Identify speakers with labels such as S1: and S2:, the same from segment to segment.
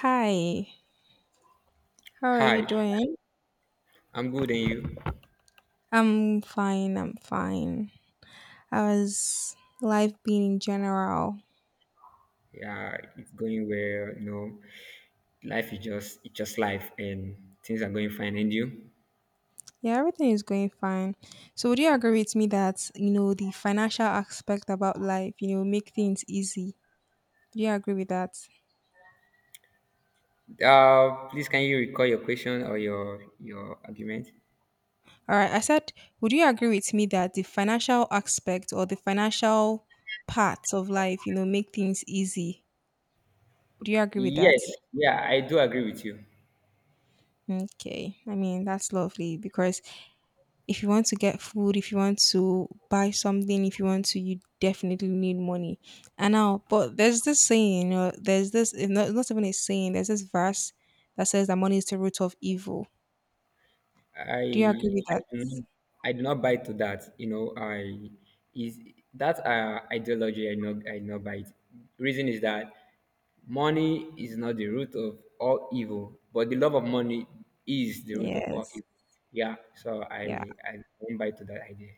S1: Hi, how are you
S2: Hi,
S1: doing?
S2: I'm good, and you?
S1: I'm fine, I'm fine. How's life been in general?
S2: Yeah, it's going well. Life is just it's just life, and things are going fine, and you?
S1: Yeah, everything is going fine. So would you agree with me that, you know, the financial aspect about life, you know, make things easy? Do you agree with that?
S2: Please can you recall your question or your argument?
S1: All right, I said, would you agree with me that the financial aspect or the financial parts of life, you know, make things easy? Would you agree with
S2: Yes,
S1: that?
S2: yeah, I do agree with you.
S1: Okay, I mean, that's lovely because if you want to get food, if you want to buy something, if you want to, you definitely need money. I know, but there's this saying, you know, there's this, it's not even a saying, there's this verse that says that money is the root of evil.
S2: I
S1: Do you agree with
S2: I
S1: that?
S2: do not I do not buy to that. I is that ideology I not buy it. Reason is that money is not the root of all evil, but the love of money is the root of all
S1: Yes.
S2: evil. Yeah, so
S1: Yeah,
S2: I went by to that idea.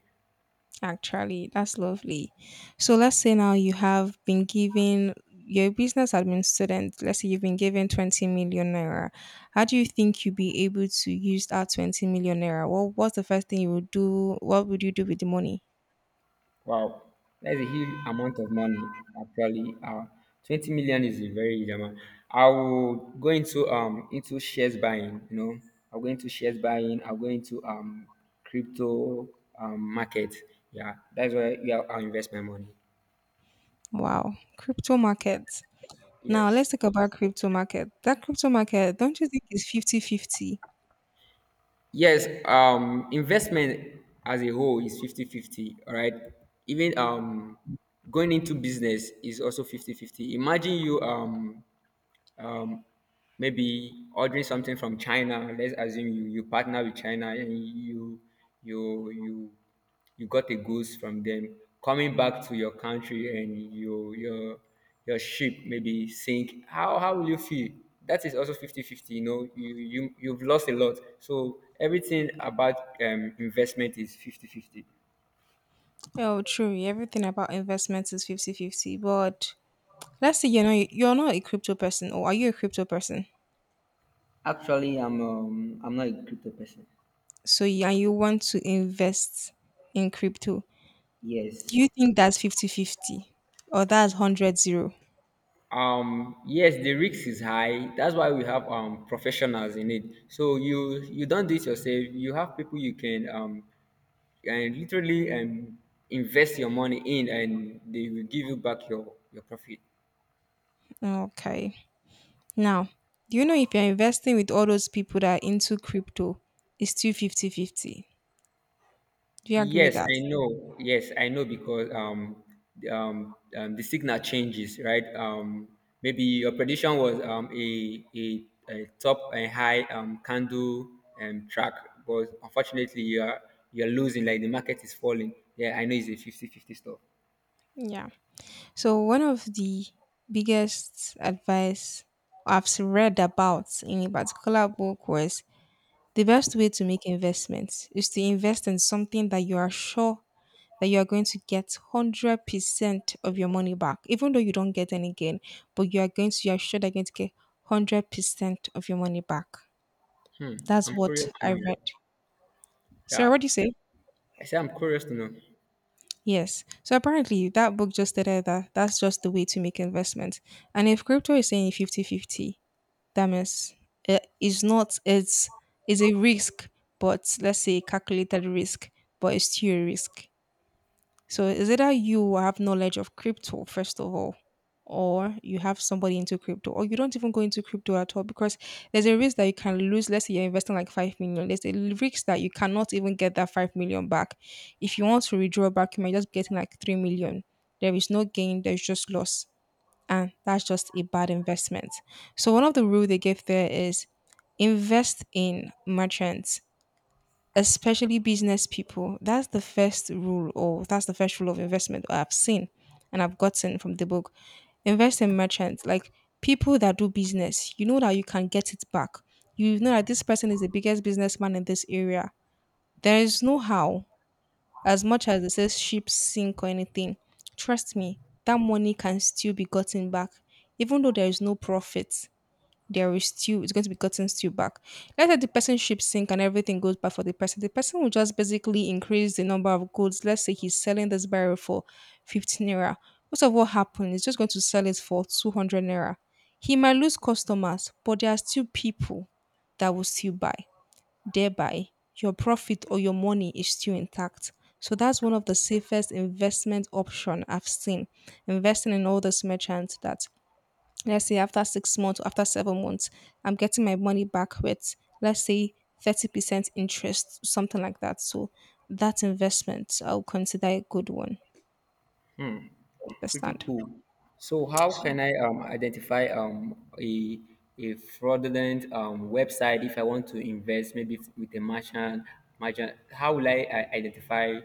S1: actually, that's lovely. So let's say now you have been given, you're a business admin student. Let's say you've been given 20 million naira. How do you think you'd be able to use that 20 million naira? Well, what's the first thing you would do? What would you do with the money?
S2: Wow, that's a huge amount of money. Actually, 20 million is a very huge amount. I will go into shares buying. I'll go into shares buying. I'll go into crypto market. Yeah, that's where, yeah, I'll invest my money.
S1: Wow, crypto market. Now
S2: Yes.
S1: let's talk about crypto market. That crypto market, don't you think is fifty-fifty?
S2: Yes, investment as a whole is fifty-fifty, right? Even going into business is also fifty-fifty. Imagine you maybe ordering something from China. Let's assume you partner with China, and you you you got the goods from them. Coming back to your country, and your ship maybe sink. How will you feel? That is also fifty fifty. You know, you you've lost a lot. So everything about investment is fifty fifty.
S1: Oh, true. Everything about investments is fifty-fifty, but let's say you're not a crypto person, or are you a crypto person?
S2: Actually, I'm not a crypto person.
S1: So yeah, you want to invest in crypto. Do
S2: Yes.
S1: you think that's fifty-fifty or that's hundred-zero?
S2: Yes, the risk is high. That's why we have professionals in it, so you don't do it yourself. You have people you can and literally invest your money in, and they will give you back your profit.
S1: Okay. Now, do you know if you're investing with all those people that are into crypto, it's still fifty-fifty? Do you agree with
S2: Yes,
S1: that?
S2: I know. Yes, I know, because the signal changes, right? Maybe your prediction was a top and high candle, track, but unfortunately you're losing, like the market is falling. Yeah, I know it's a fifty-fifty stuff.
S1: Yeah. So one of the biggest advice I've read about in a particular book was the best way to make investments is to invest in something that you are sure that you are going to get 100% of your money back, even though you don't get any gain, but you are going to, you are sure they're going to get 100% of your money back.
S2: Hmm,
S1: That's
S2: I'm
S1: what
S2: curious to
S1: I
S2: know.
S1: read. Sorry,
S2: Yeah,
S1: what do you say?
S2: I say I'm curious to know.
S1: Yes. So apparently that book just stated that that's just the way to make investment. And if crypto is saying fifty fifty, that means it's not it's is a risk, but let's say calculated risk, but it's still a risk. So is either you have knowledge of crypto, first of all, or you have somebody into crypto, or you don't even go into crypto at all because there's a risk that you can lose. Let's say you're investing like 5 million. There's a risk that you cannot even get that 5 million back. If you want to withdraw back, you might just be getting like 3 million. There is no gain, there's just loss. And that's just a bad investment. So one of the rule they gave there is invest in merchants, especially business people. That's the first rule, or that's the first rule of investment I've seen and I've gotten from the book. Invest in merchants, like people that do business. You know that you can get it back. You know that this person is the biggest businessman in this area. There is no how, as much as it says ship sink or anything. Trust me, that money can still be gotten back, even though there is no profit, there is stew. It's going to be gotten stew back. Let's say the person ships sink and everything goes back for the person. The person will just basically increase the number of goods. Let's say he's selling this barrel for 15 naira. Most of what happened is just going to sell it for 200 naira. He might lose customers, but there are still people that will still buy. Thereby, your profit or your money is still intact. So that's one of the safest investment option I've seen. Investing in all these merchants that, let's say, after 6 months or after 7 months, I'm getting my money back with, let's say, 30% interest, something like that. So that investment, I'll consider a good one.
S2: Pretty
S1: Understand?
S2: cool. So how can I identify a fraudulent website if I want to invest maybe with a merchant? How will I identify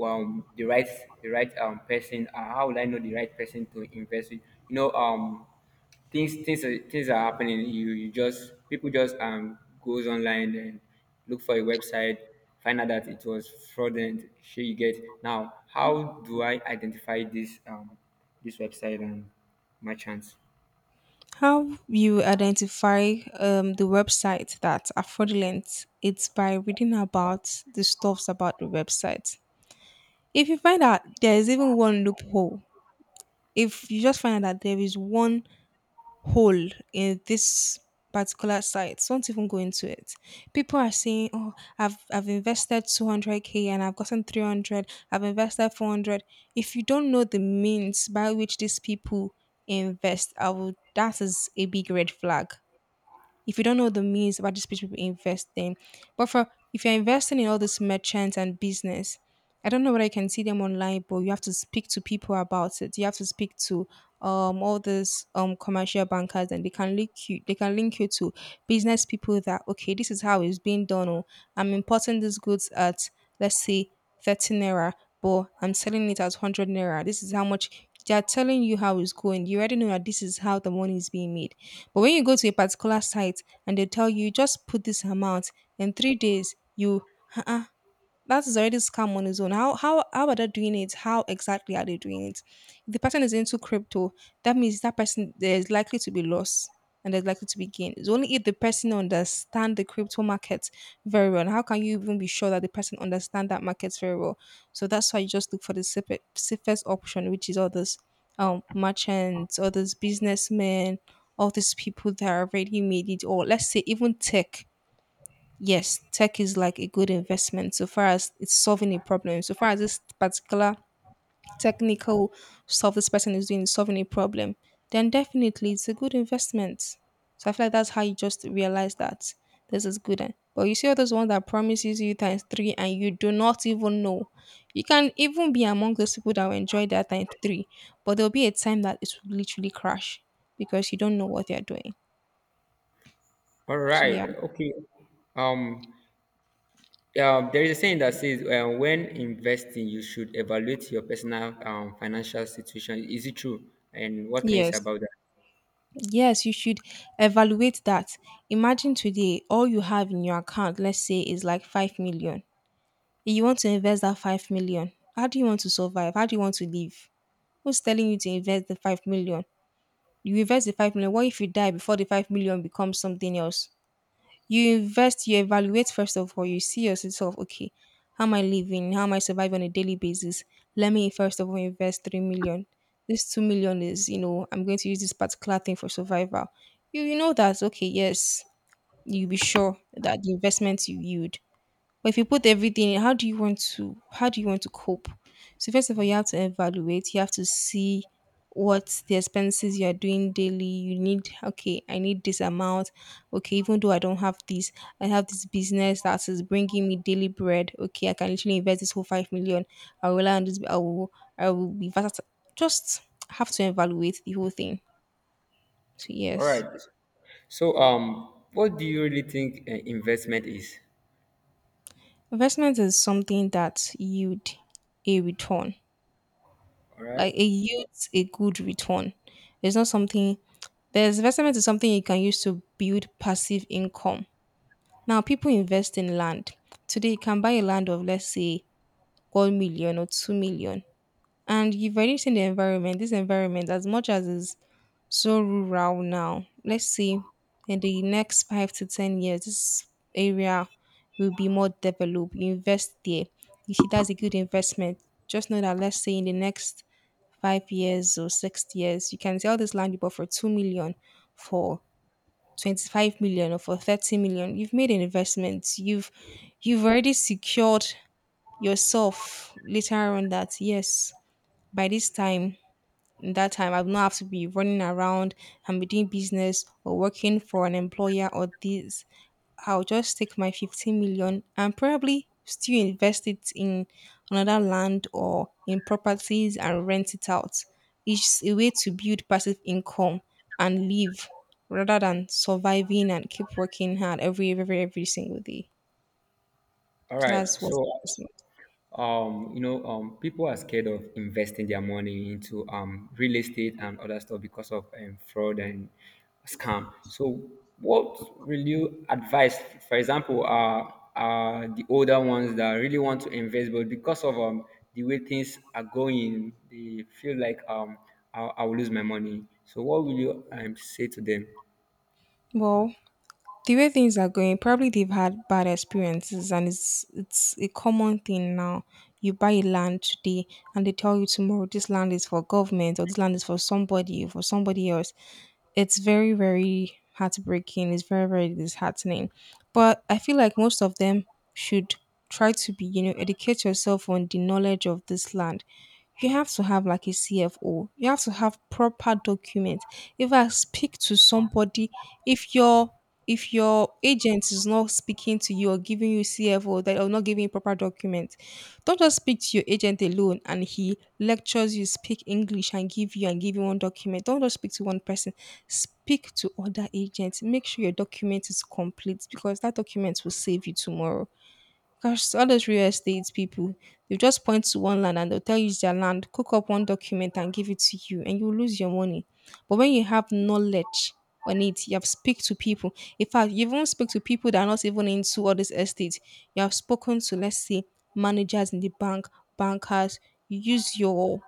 S2: um, the right the right person? How will I know the right person to invest with? You know, um, things are happening. You just People just goes online and look for a website, find out that it was fraudulent. Sure, you get now. How do I identify this website and merchants?
S1: How you identify the website that are fraudulent? It's by reading about the stuffs about the website. If you find out there is even one loophole, if you just find out that there is one hole in this particular site, so don't even go into it. People are saying, "Oh, I've invested 200K and I've gotten 300. I've invested 400." If you don't know the means by which these people invest, I will. That is a big red flag if you don't know the means about these people investing. But for if you're investing in all these merchants and business, I don't know whether you can see them online, but you have to speak to people about it. You have to speak to all these commercial bankers, and they can link you to business people that, okay, this is how it's being done. Or I'm importing these goods at, let's say, 30 naira, but I'm selling it at 100 naira. This is how much they are telling you how it's going. You already know that this is how the money is being made. But when you go to a particular site and they tell you just put this amount in 3 days, you uh that is already scam on its own. How are they doing it? How exactly are they doing it? If the person is into crypto, that means that person there's likely to be loss and there's likely to be gain. It's only if the person understand the crypto market very well. And how can you even be sure that the person understand that market very well? So that's why you just look for the safest option, which is all those merchants, all those businessmen, all these people that have already made it, or let's say even tech, yes, tech is like a good investment so far as it's solving a problem. So far as this particular technical stuff this person is doing is solving a problem, then definitely it's a good investment. So I feel like that's how you just realize that this is good. And But you see all those ones that promises you times three and you do not even know. You can even be among those people that will enjoy that times three, but there'll be a time that it will literally crash because you don't know what they're doing.
S2: All
S1: So
S2: right,
S1: yeah.
S2: okay. Um, yeah, there is a saying that says when investing, you should evaluate your personal financial situation. Is it true? And what can you say
S1: Yes.
S2: about that?
S1: Yes, you should evaluate that. Imagine today all you have in your account, let's say, is like 5 million. You want to invest that 5 million. How do you want to survive? How do you want to live? Who's telling you to invest the 5 million? You invest the 5 million. What if you die before the 5 million becomes something else? You invest, you evaluate first of all, you see yourself, okay, how am I living? How am I surviving on a daily basis? Let me first of all invest 3 million. This 2 million is, you know, I'm going to use this particular thing for survival. You know that, okay, yes, you'll be sure that the investment you yield, but if you put everything in, how do you want to how do you want to cope? So first of all, you have to evaluate. You have to see what the expenses you are doing daily. You need, okay, I need this amount. Okay, even though I don't have this, I have this business that is bringing me daily bread. Okay, I can literally invest this whole 5 million. I will rely on this. I will be versatile. Just have to evaluate the whole thing. So
S2: All right.
S1: yes,
S2: So, what do you really think investment is?
S1: investment is something that yield a return.
S2: All right.
S1: Like it yields a good return. It's not something, there's investment is something you can use to build passive income. Now people invest in land. Today you can buy a land of let's say 1 million or 2 million. And you've already seen the environment. This environment, as much as is so rural now, let's see in the next 5 to 10 years, this area will be more developed. You invest there. You see that's a good investment. Just know that let's say in the next 5 years or 6 years, you can sell this land you bought for 2 million, for 25 million or for 30 million. You've made an investment. You've already secured yourself later on that yes, by this time, in that time I will not have to be running around and be doing business or working for an employer, or this I'll just take my 15 million and probably still invest it in another land or in properties and rent it out. It's a way to build passive income and live rather than surviving and keep working hard every single day.
S2: All
S1: So
S2: right.
S1: that's what.
S2: So, people are scared of investing their money into real estate and other stuff because of fraud and scam. So, what will you advise, for example, the older ones that really want to invest, but because of the way things are going, they feel like I'll lose my money. So, what will you say to them?
S1: Well, the way things are going, probably they've had bad experiences, and it's a common thing now. You buy a land today, and they tell you tomorrow this land is for government or this land is for somebody else. It's very, very heartbreaking. It's very, very disheartening. But I feel like most of them should try to be, you know, educate yourself on the knowledge of this land. You have to have like a CFO. You have to have proper documents. If I speak to somebody, if your if your agent is not speaking to you or giving you CFO, that or not giving you proper documents, don't just speak to your agent alone and he lectures you, speak English and give you one document. Don't just speak to one person. Speak to other agents. Make sure your document is complete, because that document will save you tomorrow. Gosh, so all those real estate people, they just point to one land and they'll tell you it's their land, cook up one document and give it to you, and you lose your money. But when you have knowledge on it, you have speak to people. In fact, you even speak to people that are not even into all this estate. You have spoken to, let's say, managers in the bank, bankers. You use your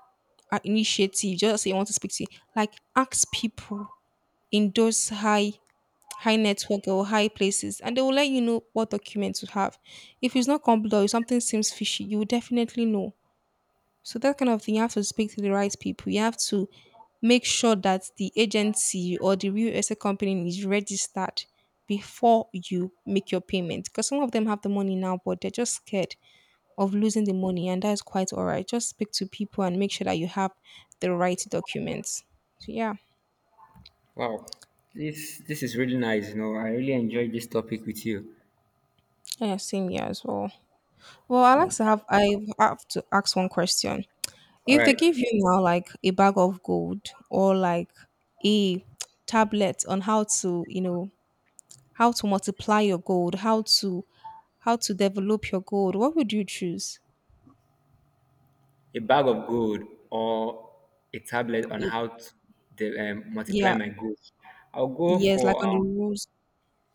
S1: initiative, just say you want to speak to, like ask people in those high network or high places, and they will let you know what document to have. If it's not complete or if something seems fishy, you will definitely know. So that kind of thing, you have to speak to the right people. You have to make sure that the agency or the real estate company is registered before you make your payment. Because some of them have the money now, but they're just scared of losing the money, and that's quite all right. Just speak to people and make sure that you have the right documents. So yeah,
S2: Wow, this is really nice. I really enjoyed this topic with you.
S1: yeah, same here as well. Well, I
S2: Yeah.
S1: like to have I have to ask one question.
S2: All
S1: If they
S2: right,
S1: give you now like a bag of gold or like a tablet on how to, you know, how to multiply your gold, how to develop your gold, what would you choose?
S2: a bag of gold or a tablet on
S1: It,
S2: how to multiply
S1: yeah,
S2: my goals. I'll go
S1: yes,
S2: for
S1: like on the rules.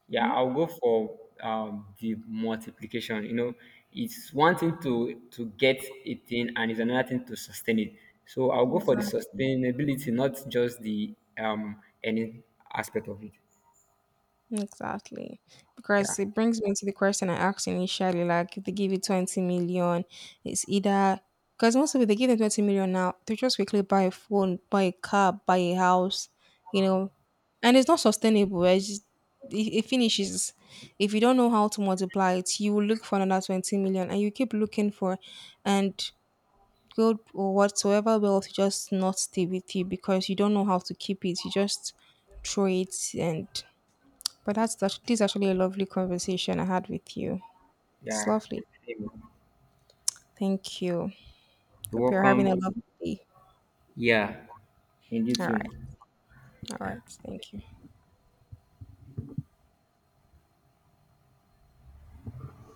S2: Yeah,
S1: Mhm.
S2: I'll go for the multiplication. It's one thing to get a thing, and it's another thing to sustain it. So I'll go for the
S1: Exactly.
S2: sustainability, not just the any aspect of it.
S1: Exactly.
S2: Yeah,
S1: Because it brings me to the question I asked initially, like if they give you 20 million, it's either because most of it they give them 20 million now, they just quickly buy a phone, buy a car, buy a house, you know, and it's not sustainable. It's just, it finishes. If you don't know how to multiply it, you will look for another 20 million, and you keep looking for and good or whatsoever wealth just not stay with you because you don't know how to keep it. You just throw it and but that's this is actually a lovely conversation I had with you. It's
S2: yeah.
S1: lovely.
S2: You're
S1: Thank you. Hope you're having a
S2: welcome.
S1: lovely day.
S2: Yeah, and you
S1: All right.
S2: too.
S1: All right.
S2: Yeah.
S1: Thank you.